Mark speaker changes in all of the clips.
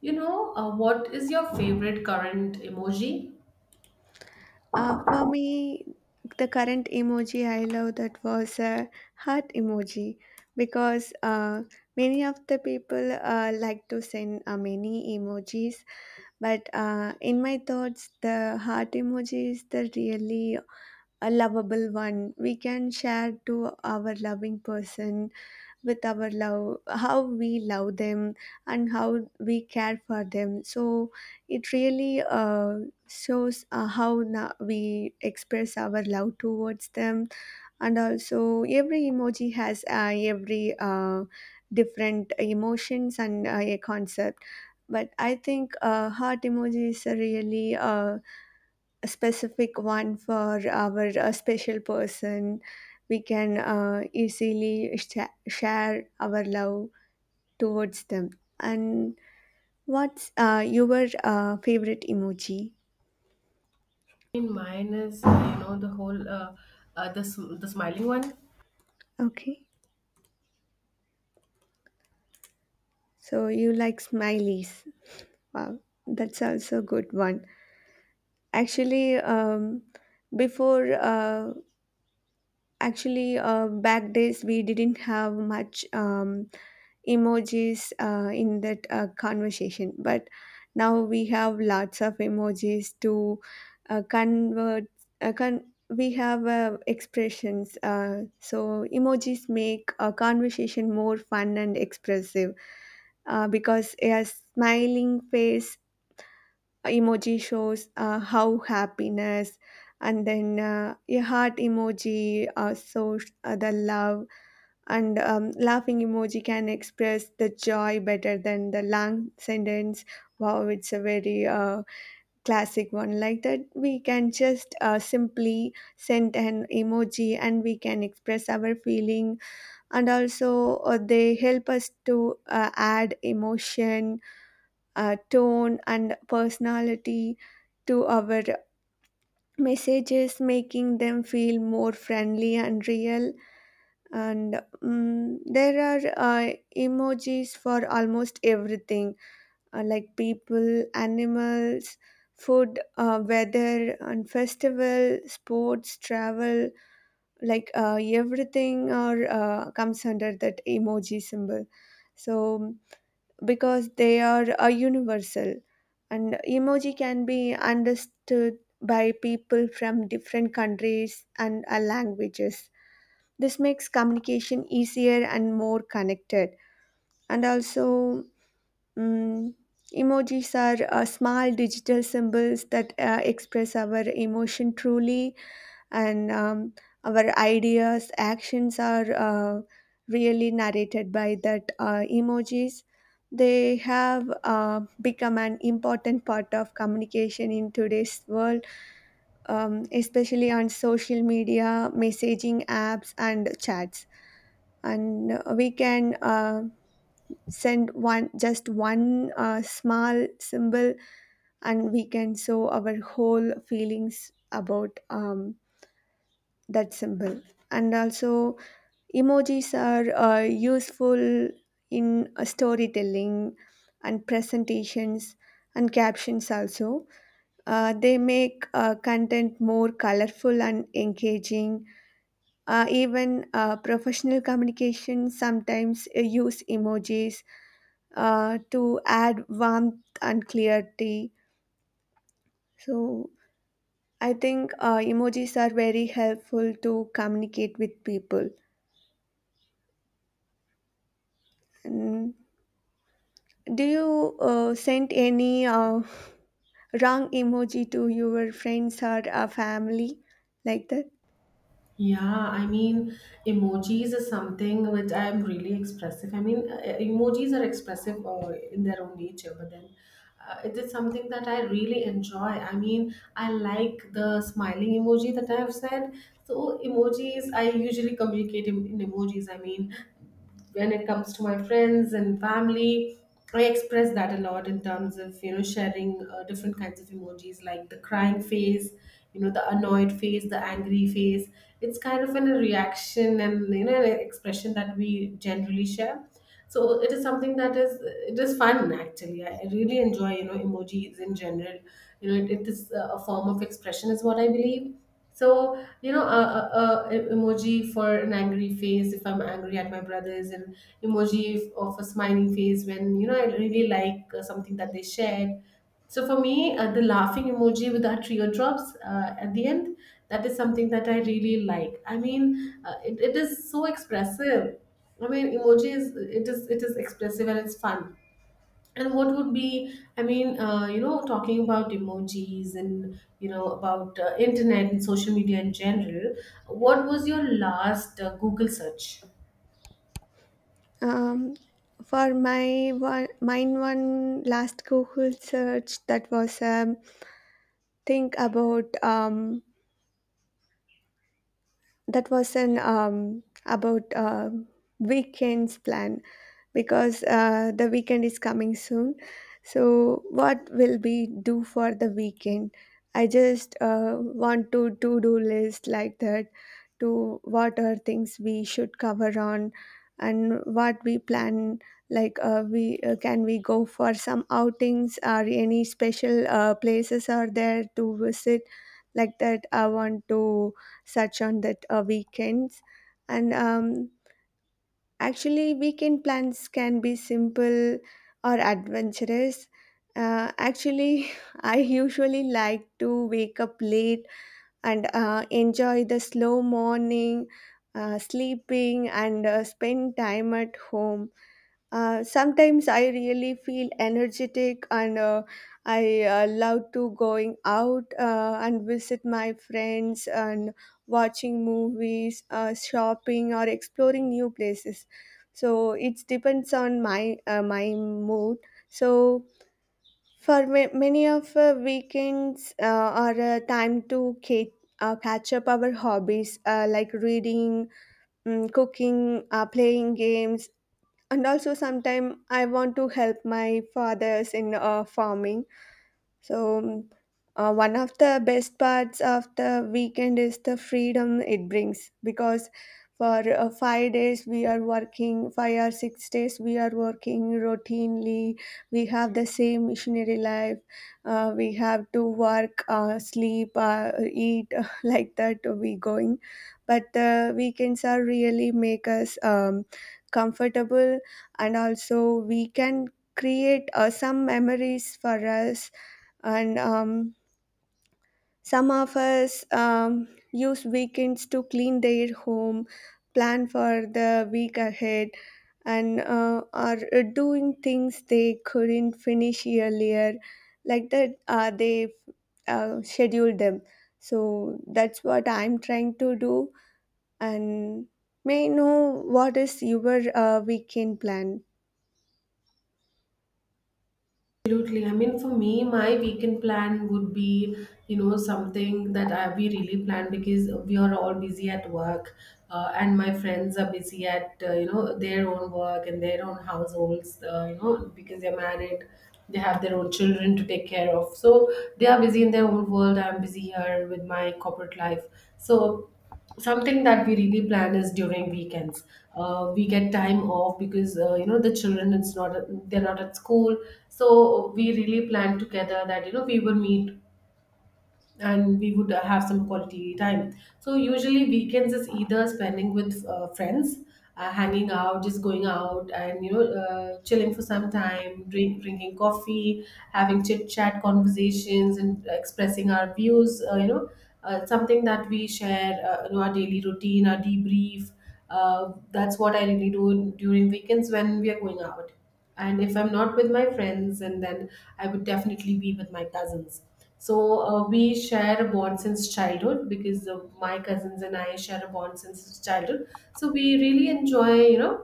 Speaker 1: You know, what is your favorite current emoji?
Speaker 2: For me, the current emoji I love that was a heart emoji because many of the people like to send many emojis, but in my thoughts, the heart emoji is the really a lovable one. We can share to our loving person with our love how we love them and how we care for them, so it really shows we express our love towards them. And also, every emoji has every different emotions and a concept, but I think heart emoji is a really a specific one for our special person. We can easily share our love towards them. And what's your favorite emoji?
Speaker 1: Mine is you know, the whole the smiling one.
Speaker 2: Okay, so you like smileys. Wow, that's also a good one. Actually, before actually back days we didn't have much. Emojis in that conversation, but now we have lots of emojis to convert uh, con- we have expressions, so emojis make a conversation more fun and expressive because a smiling face emoji shows how happiness, and then a heart emoji shows the love, and laughing emoji can express the joy better than the long sentence. Wow, it's a very classic one, like that we can just simply send an emoji and we can express our feeling. And also, they help us to add emotion, tone and personality to our messages, making them feel more friendly and real. And there are emojis for almost everything, like people, animals, food, weather and festival, sports, travel, like everything or comes under that emoji symbol. So because they are universal, and emoji can be understood by people from different countries and languages. This makes communication easier and more connected. And also, mm, emojis are small digital symbols that express our emotion truly, and our ideas, actions are really narrated by that emojis. They have become an important part of communication in today's world, especially on social media, messaging apps, and chats. And we can send one just one small symbol and we can show our whole feelings about that symbol. And also, emojis are useful in storytelling and presentations and captions also. They make content more colorful and engaging. Even professional communication sometimes use emojis to add warmth and clarity. So I think emojis are very helpful to communicate with people. Mm. Do you send any wrong emoji to your friends or family like that?
Speaker 1: Yeah, I mean, emojis is something which I am really expressive. I mean, emojis are expressive in their own nature, but then it is something that I really enjoy. I mean, I like the smiling emoji that I have said. So, emojis, I usually communicate in emojis. I mean, when it comes to my friends and family, I express that a lot in terms of, you know, sharing different kinds of emojis, like the crying face, you know, the annoyed face, the angry face. It's kind of a reaction and, you know, an expression that we generally share. So it is something that is fun. Actually, I really enjoy, you know, emojis in general. You know, it is a form of expression, is what I believe. So, you know, a emoji for an angry face if I'm angry at my brothers, and emoji of a smiling face when, you know, I really like something that they shared. So for me, the laughing emoji with our teardrops at the end, that is something that I really like. I mean, it is so expressive. I mean, emoji is it is it is expressive and it's fun. And what would be, I mean, you know, talking about emojis and, you know, about internet and social media in general, what was your last Google search?
Speaker 2: Um, for my one, mine one last Google search, that was think about that was an about weekends plan because the weekend is coming soon. So, what will we do for the weekend? I just want to do list like that, to what are things we should cover on and what we plan, like we can we go for some outings or any special places are there to visit, like that I want to search on that weekends. And actually, weekend plans can be simple or adventurous. Uh, actually, I usually like to wake up late and enjoy the slow morning, sleeping, and spend time at home. Sometimes I really feel energetic, and I love to going out and visit my friends, and watching movies, shopping, or exploring new places. So it depends on my mood. So for many of weekends are a time to catch up our hobbies, like reading, cooking, playing games, and also sometime I want to help my fathers in farming. So, one of the best parts of the weekend is the freedom it brings, because for 5 days we are working, 5 or 6 days we are working routinely. We have the same missionary life. We have to work, sleep, eat like that. We going, but the weekends are really make us comfortable, and also we can create some memories for us. And some of us use weekends to clean their home, plan for the week ahead, and are doing things they couldn't finish earlier, like that they schedule them. So that's what I'm trying to do. And may I know, what is your weekend plan?
Speaker 1: Absolutely. I mean, for me, my weekend plan would be, you know, something that we really plan, because we are all busy at work, and my friends are busy at, you know, their own work and their own households, you know, because they're married, they have their own children to take care of. So they are busy in their own world. I'm busy here with my corporate life. So something that we really plan is during weekends, we get time off because, you know, the children, it's not, they're not at school. So we really plan together that, you know, we will meet and we would have some quality time. So usually weekends is either spending with friends, hanging out, just going out, and you know, chilling for some time, drinking coffee, having chit chat conversations, and expressing our views. You know, something that we share, you know, our daily routine, our debrief. That's what I really do during weekends when we are going out. And if I'm not with my friends, and then I would definitely be with my cousins. So we share a bond since childhood, because my cousins and I share a bond since childhood. So we really enjoy, you know,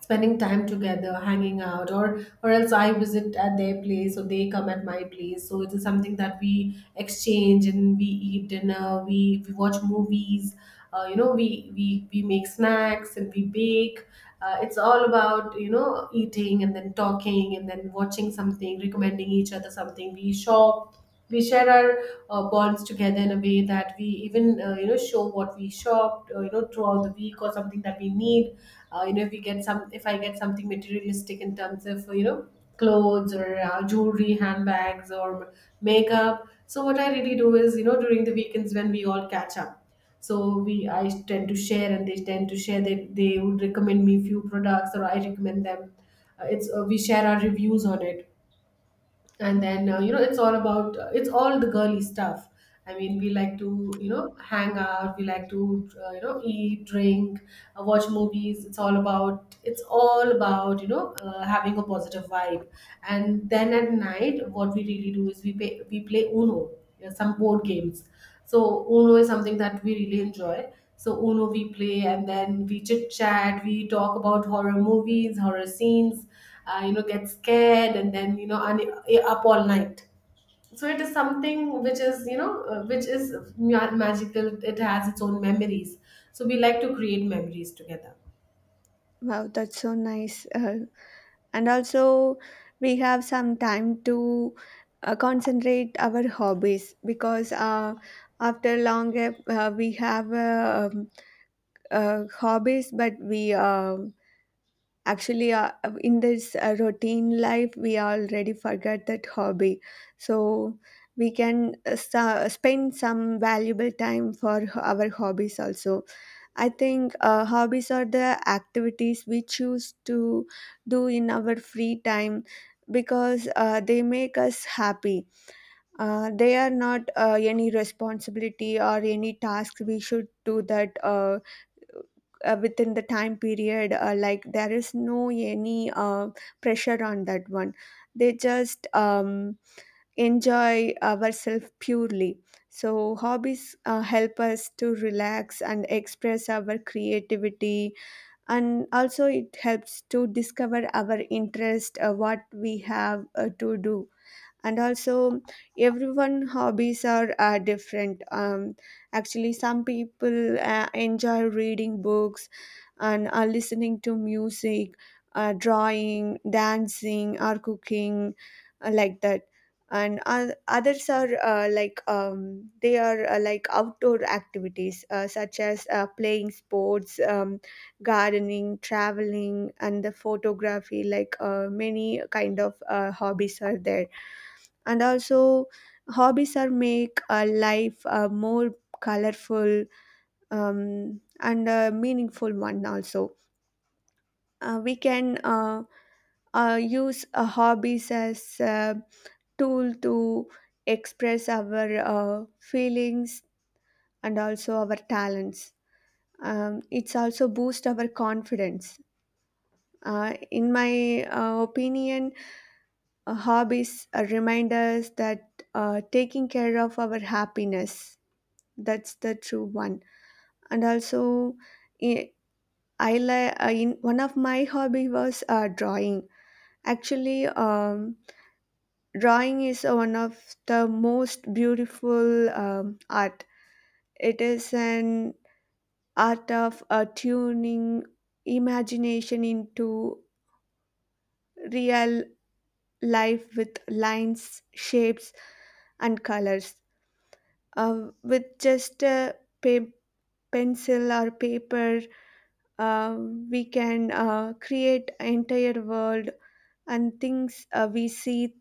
Speaker 1: spending time together, hanging out, or else I visit at their place or they come at my place. So it is something that we exchange, and we eat dinner, we watch movies. Uh, you know, we make snacks and we bake. Uh, it's all about, you know, eating and then talking and then watching something, recommending each other something, we shop. We share our bonds together in a way that we even, you know, show what we shopped, you know, throughout the week, or something that we need. Uh, you know, if we get some, if I get something materialistic in terms of, you know, clothes or jewelry, handbags, or makeup. So what I really do is, you know, during the weekends when we all catch up, so we I tend to share and they tend to share. They would recommend me few products or I recommend them. It's, we share our reviews on it. And then, you know, it's all about, it's all the girly stuff. I mean, we like to, you know, hang out. We like to, you know, eat, drink, watch movies. It's all about, it's all about, you know, having a positive vibe. And then at night, what we really do is we play Uno, you know, some board games. So Uno is something that we really enjoy. So Uno we play, and then we chit chat, we talk about horror movies, horror scenes, you know, get scared, and then, you know, and up all night. So it is something which is, you know, magical. It has its own memories. So we like to create memories together.
Speaker 2: Wow, that's so nice. And also, we have some time to concentrate our hobbies, because after long gap we have hobbies, but we actually in this routine life we already forget that hobby. So we can spend some valuable time for our hobbies also. I think hobbies are the activities we choose to do in our free time, because they make us happy. They are not any responsibility or any task we should do, that within the time period, like there is no any pressure on that one. They just enjoy ourselves purely. So hobbies help us to relax and express our creativity, and also it helps to discover our interest, what we have to do. And also, everyone hobbies are different. Um, actually, some people enjoy reading books, and are listening to music, drawing, dancing, or cooking, like that. And others are they are like outdoor activities, such as playing sports, gardening, traveling, and the photography, like many kind of hobbies are there. And also, hobbies are make a life a more colorful and a meaningful one also. We can use hobbies as a tool to express our feelings and also our talents. It's also boost our confidence, in my opinion. Hobbies remind us that taking care of our happiness, that's the true one. And also, i in one of my hobby was drawing. Actually, drawing is one of the most beautiful art. It is an art of tuning imagination into real life with lines, shapes, and colors. With just a pa- pencil or paper, uh, we can create entire world, and things we see,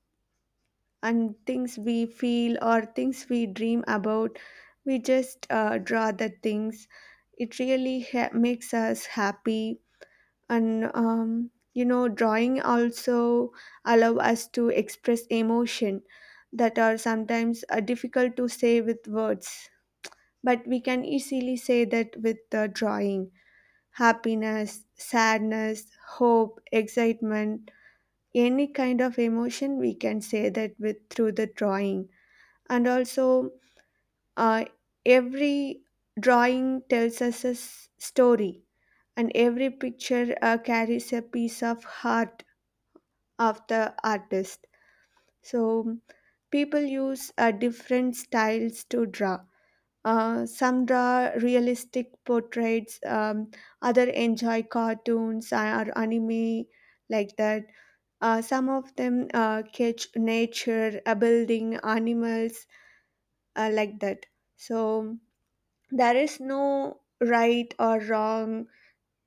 Speaker 2: and things we feel, or things we dream about, we just draw the things. It really makes us happy. And you know, drawing also allow us to express emotion that are sometimes difficult to say with words, but we can easily say that with the drawing: happiness, sadness, hope, excitement, any kind of emotion we can say that with through the drawing. And also, uh, every drawing tells us a story, and every picture carries a piece of heart of the artist. So people use different styles to draw. Some draw realistic portraits, other enjoy cartoons or anime, like that. Some of them catch nature, building, animals, like that. So there is no right or wrong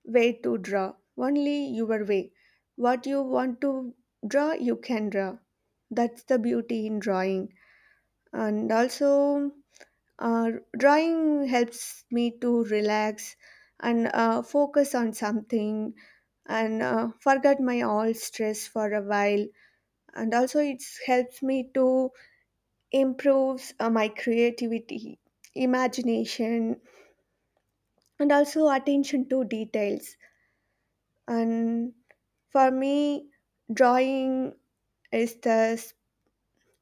Speaker 2: way to draw, only your way. What you want to draw, you can draw. That's the beauty in drawing. And also, uh, drawing helps me to relax and focus on something, and forget my all stress for a while. And also it helps me to improves my creativity, imagination, and also attention to details. And for me, drawing is the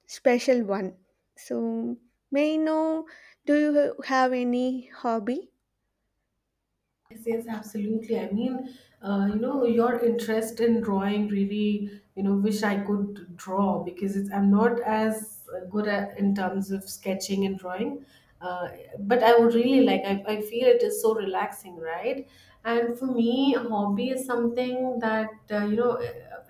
Speaker 2: special one. So may I know, do you have any hobby?
Speaker 1: Yes, yes, absolutely. I mean, you know, your interest in drawing really, you know, wish I could draw, because it's, I'm not as good at in terms of sketching and drawing. Uh, but I would really like, I feel it is so relaxing, right? And for me, a hobby is something that, you know,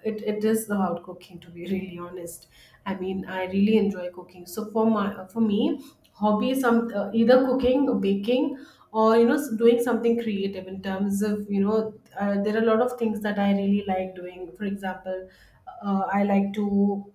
Speaker 1: it is about cooking, to be really honest. I mean, I really enjoy cooking. So for me, hobby is some, either cooking, baking, or you know, doing something creative in terms of, you know, there are a lot of things that I really like doing. For example, I like to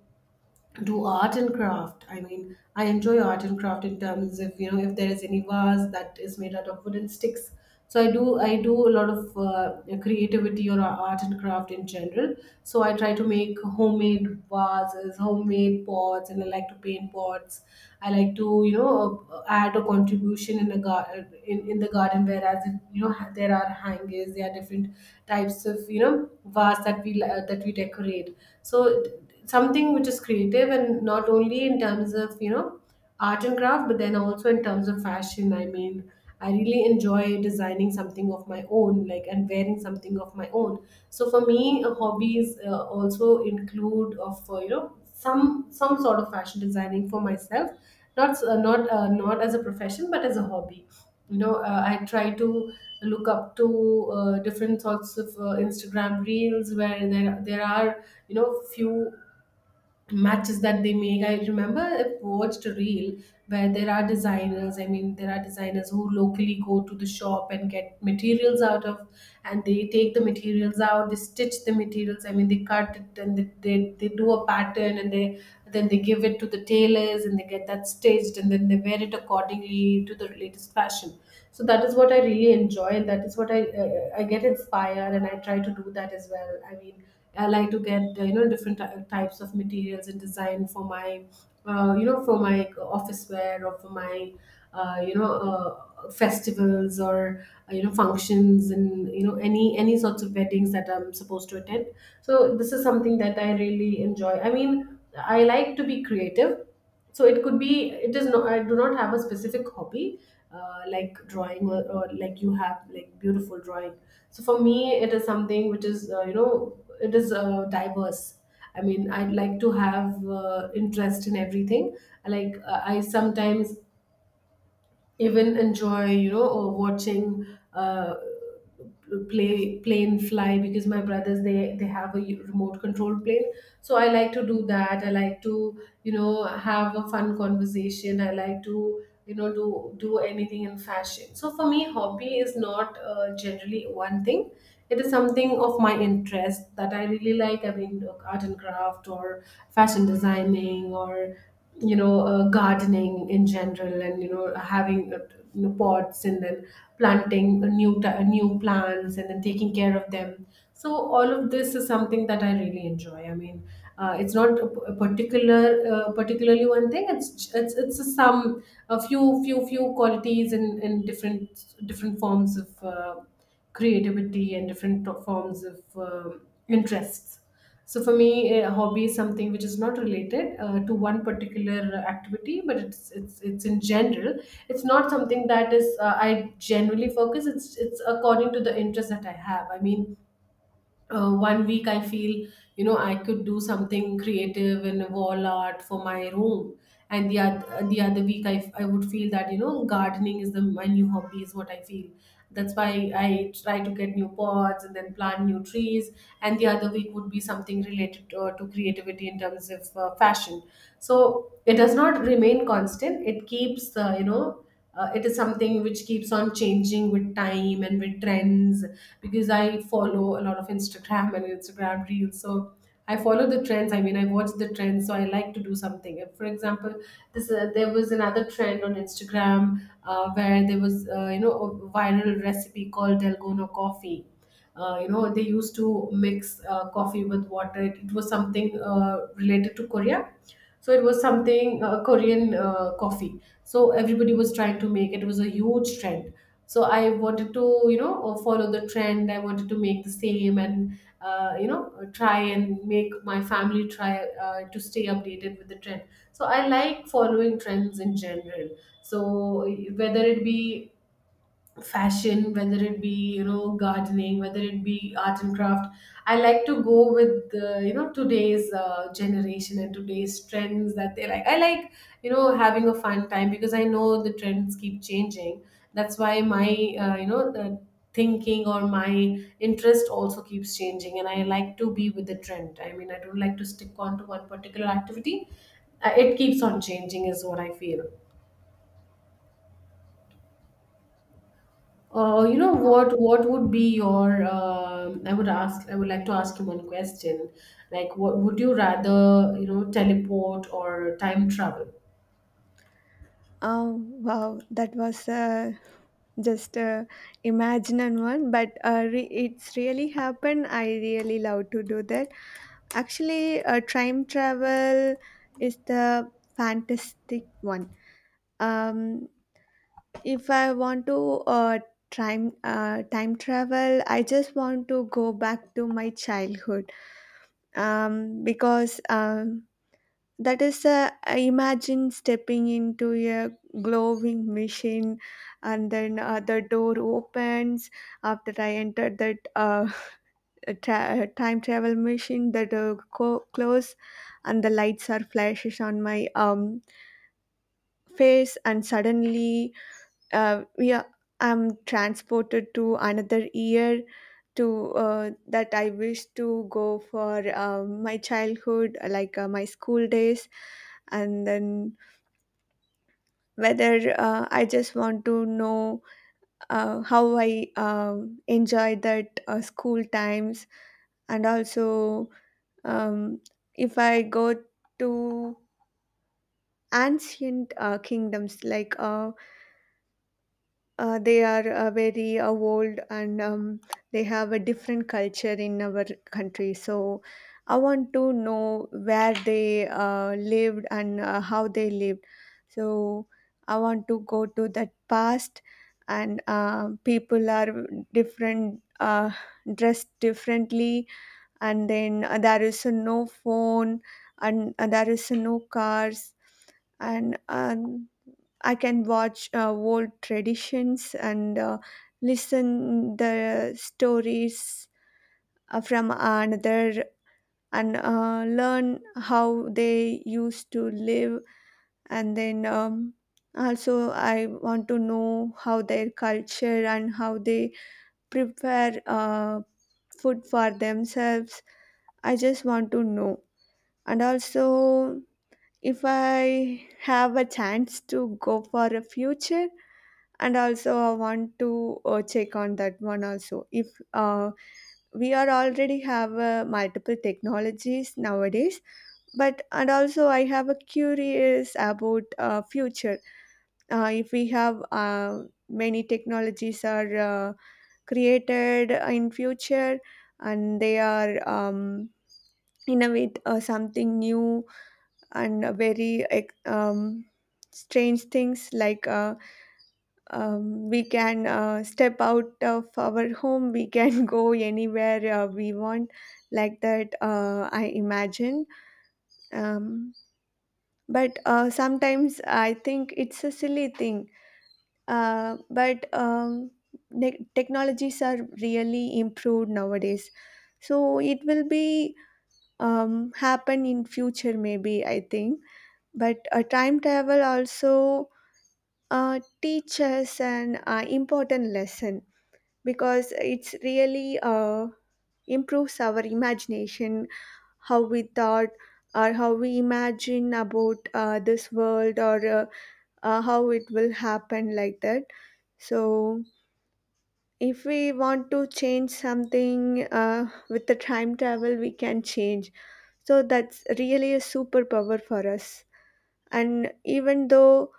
Speaker 1: do art and craft. I mean, I enjoy art and craft in terms of, you know, if there is any vase that is made out of wooden sticks. So I do a lot of creativity or art and craft in general. So I try to make homemade vases, homemade pots, and I like to paint pots. I like to, you know, add a contribution in the in the garden. Whereas it, you know, there are hangers, there are different types of, you know, vase that we that we decorate. So something which is creative, and not only in terms of, you know, art and craft, but then also in terms of fashion. I mean, I really enjoy designing something of my own, like and wearing something of my own. So for me, hobbies also include of, you know, some some sort of fashion designing for myself, not, not as a profession but as a hobby. You know, I try to look up to different sorts of Instagram reels, where there are, you know, few matches that they make. I remember I watched a reel where there are designers. I mean, there are designers who locally go to the shop and get materials out of, and they take the materials out, they stitch the materials. I mean, they cut it and they do a pattern, and they then they give it to the tailors and they get that stitched, and then they wear it accordingly to the latest fashion. So that is what I really enjoy. That is what I get inspired, and I try to do that as well. I mean, I like to get, you know, different types of materials and design for my, you know, for my, office wear or for my you know, festivals or, you know, functions, and you know, any sorts of weddings that I'm supposed to attend. So this is something that I really enjoy. I mean, I like to be creative. So it could be, it is not, I do not have a specific hobby, like drawing, or like you have like beautiful drawing. So for me, it is something which is, you know, it is diverse. I mean, I like to have interest in everything. Like, I sometimes even enjoy, you know, or watching uh, play plane fly, because my brothers, they have a remote control plane. So I like to do that. I like to, you know, have a fun conversation. I like to, you know, do anything in fashion. So for me, hobby is not, generally one thing. It is something of my interest that I really like. I mean, look, art and craft, or fashion designing, or you know, gardening in general, and you know, having, you know, pots, and then planting new plants, and then taking care of them. So all of this is something that I really enjoy. I mean, it's not a particular, particularly one thing. It's it's a sum, a few few qualities in different forms of creativity, and different forms of um interests. So for me, a hobby is something which is not related, to one particular activity, but it's in general. It's not something that is, I generally focus. It's according to the interest that I have. I mean, one week I feel, I could do something creative in wall art for my room. And the other week, I would feel that, gardening is the my new hobby, is what I feel. That's why I try to get new pots and then plant new trees. And the other week would be something related to creativity in terms of fashion. So it does not remain constant. It keeps, it is something which keeps on changing with time and with trends because I follow a lot of Instagram and Instagram reels. So I follow the trends. I mean, I watch the trends, so I like to do something if, for example, this there was another trend on Instagram, where there was, you know, a viral recipe called Delgono coffee. You know, they used to mix coffee with water. It was something related to Korea. So it was something, Korean coffee, so everybody was trying to make it. It was a huge trend. So I wanted to, you know, follow the trend. I wanted to make the same and, you know, try and make my family try, to stay updated with the trend. So I like following trends in general. So whether it be fashion, whether it be, you know, gardening, whether it be art and craft, I like to go with the, you know, today's generation and today's trends that they like. I like, you know, having a fun time because I know the trends keep changing. That's why my, you know, the thinking or my interest also keeps changing, and I like to be with the trend. I mean, I don't like to stick on to one particular activity. It keeps on changing is what I feel. You know what? What would be your? I would ask. I would like to ask you one question. Like, what would you rather? You know, teleport or time travel?
Speaker 2: Wow, that was just a imagined one, but it's really happened. I really love to do that. Actually, time travel is the fantastic one. Um, if I want to time travel, I just want to go back to my childhood. Because that is imagine stepping into a glowing machine, and then the door opens. After I entered that time travel machine, the door close, and the lights are flashes on my face, and suddenly yeah, I'm transported to another year, to that I wish to go for my childhood, like my school days. And then whether I just want to know how I enjoy that school times. And also, um, if I go to ancient kingdoms, like they are very old, and they have a different culture in our country, so I want to know where they lived and how they lived. So I want to go to that past, and people are different dressed differently, and then there is no phone, and there is no cars, and I can watch old traditions and listen the stories from another, and learn how they used to live. And then also I want to know how their culture and how they prepare food for themselves. I just want to know. And also, if I have a chance to go for a future, and also I want to check on that one also. If uh, we are already have multiple technologies nowadays, but and also I have a curious about future, if we have many technologies are created in future, and they are innovate something new, and very um, strange things, like we can step out of our home, we can go anywhere we want, like that I imagine. um, but sometimes I think it's a silly thing, but technologies are really improved nowadays, so it will be happen in future, maybe I think. But time travel also teaches an important lesson, because it's really improves our imagination, how we thought or how we imagine about this world, or how it will happen, like that. So if we want to change something with the time travel, we can change. So that's really a superpower for us. And even though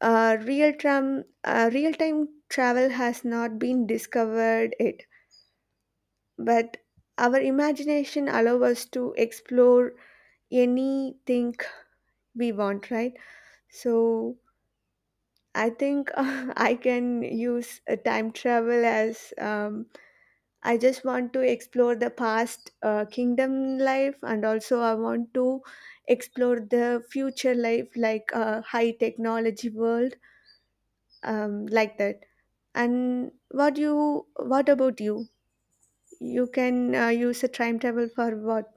Speaker 2: real time travel has not been discovered yet, but our imagination allow us to explore anything we want, right? So I think I can use a time travel as I just want to explore the past kingdom life, and also I want to explore the future life, like a high technology world, like that. And what you, what about you? You can use a time travel for what?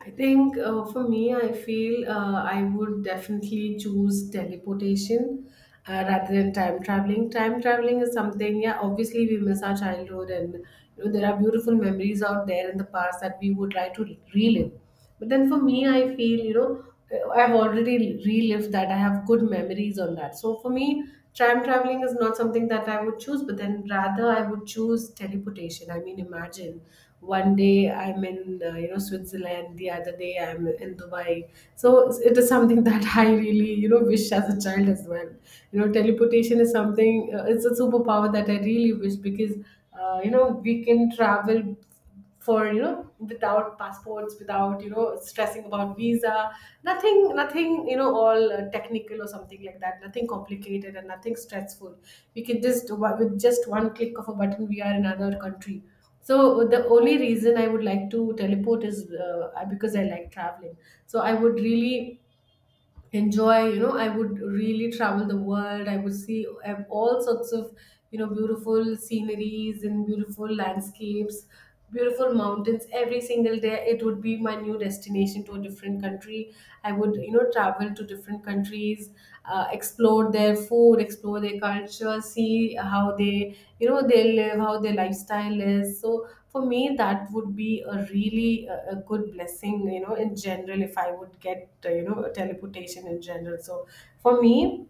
Speaker 1: I think, for me, I feel, I would definitely choose teleportation rather than time traveling. Time traveling is something, yeah, obviously we miss our childhood, and you know there are beautiful memories out there in the past that we would like to relive. But then for me, I feel, you know, I've already relived that. I have good memories on that. So for me, time traveling is not something that I would choose, but then rather I would choose teleportation. I mean, imagine one day I'm in, you know, Switzerland, the other day I'm in Dubai. So it is something that I really, you know, wish as a child as well. You know, teleportation is something, it's a superpower that I really wish because, you know, we can travel, for you know, without passports, without, you know, stressing about visa. Nothing, you know, all technical or something like that, nothing complicated and nothing stressful. We can just, with just one click of a button, we are in another country. So the only reason I would like to teleport is, because I like traveling. So I would really enjoy, you know, I would really travel the world. I would see all sorts of, you know, beautiful sceneries and beautiful landscapes, beautiful mountains. Every single day it would be my new destination to a different country. I would, you know, travel to different countries, explore their food, explore their culture, see how they, you know, they live, how their lifestyle is. So for me, that would be a really, a good blessing, you know, in general, if I would get, you know, a teleportation in general. So for me,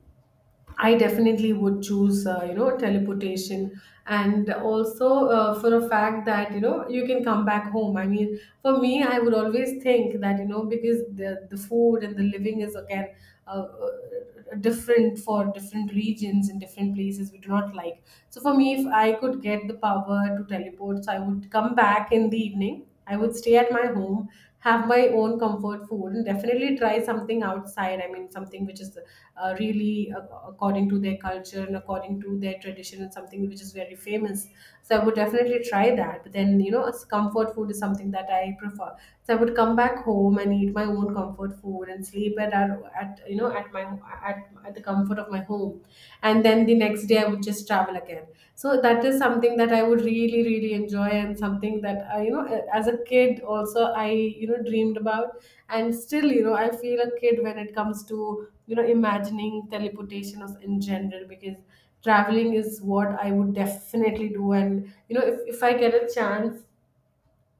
Speaker 1: I definitely would choose, you know, teleportation, and also for a fact that, you know, you can come back home. I mean, for me, I would always think that, you know, because the food and the living is again, uh, different for different regions and different places we do not like. So for me, if I could get the power to teleport, so I would come back in the evening. I would stay at my home, have my own comfort food, and definitely try something outside. I mean, something which is, really, according to their culture and according to their tradition, and something which is very famous. So I would definitely try that. But then, you know, as comfort food is something that I prefer. So I would come back home and eat my own comfort food and sleep at, you know, at my, at the comfort of my home. And then the next day I would just travel again. So that is something that I would really really enjoy and something that I, you know, as a kid also, I, you know, dreamed about. And still, you know, I feel a kid when it comes to, you know, imagining teleportation of in general, because traveling is what I would definitely do. And you know, if I get a chance,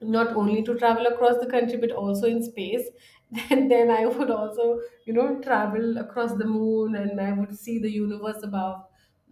Speaker 1: not only to travel across the country but also in space, then I would also, you know, travel across the moon, and I would see the universe above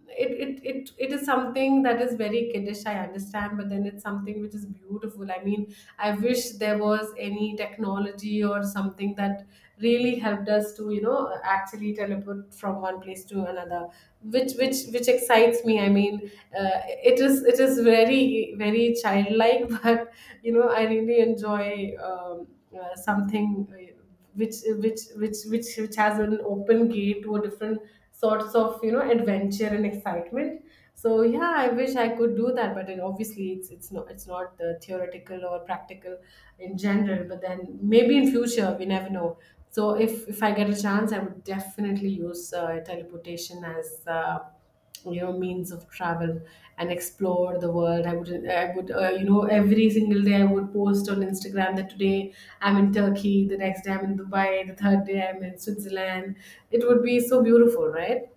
Speaker 1: it. It is something that is very kiddish, I understand, but then it's something which is beautiful. I mean, I wish there was any technology or something that really helped us to, you know, actually teleport from one place to another, which excites me. I mean, uh, it is, it is very very childlike. But you know, I really enjoy something which which has an open gate to a different sorts of, you know, adventure and excitement. So yeah, I wish I could do that, but obviously it's not, it's not, theoretical or practical in general. But then maybe in future we never know. So if I get a chance, I would definitely use, teleportation as, you know, means of travel and explore the world. I would, you know, every single day I would post on Instagram that today I'm in Turkey, the next day I'm in Dubai, the third day I'm in Switzerland. It would be so beautiful, right?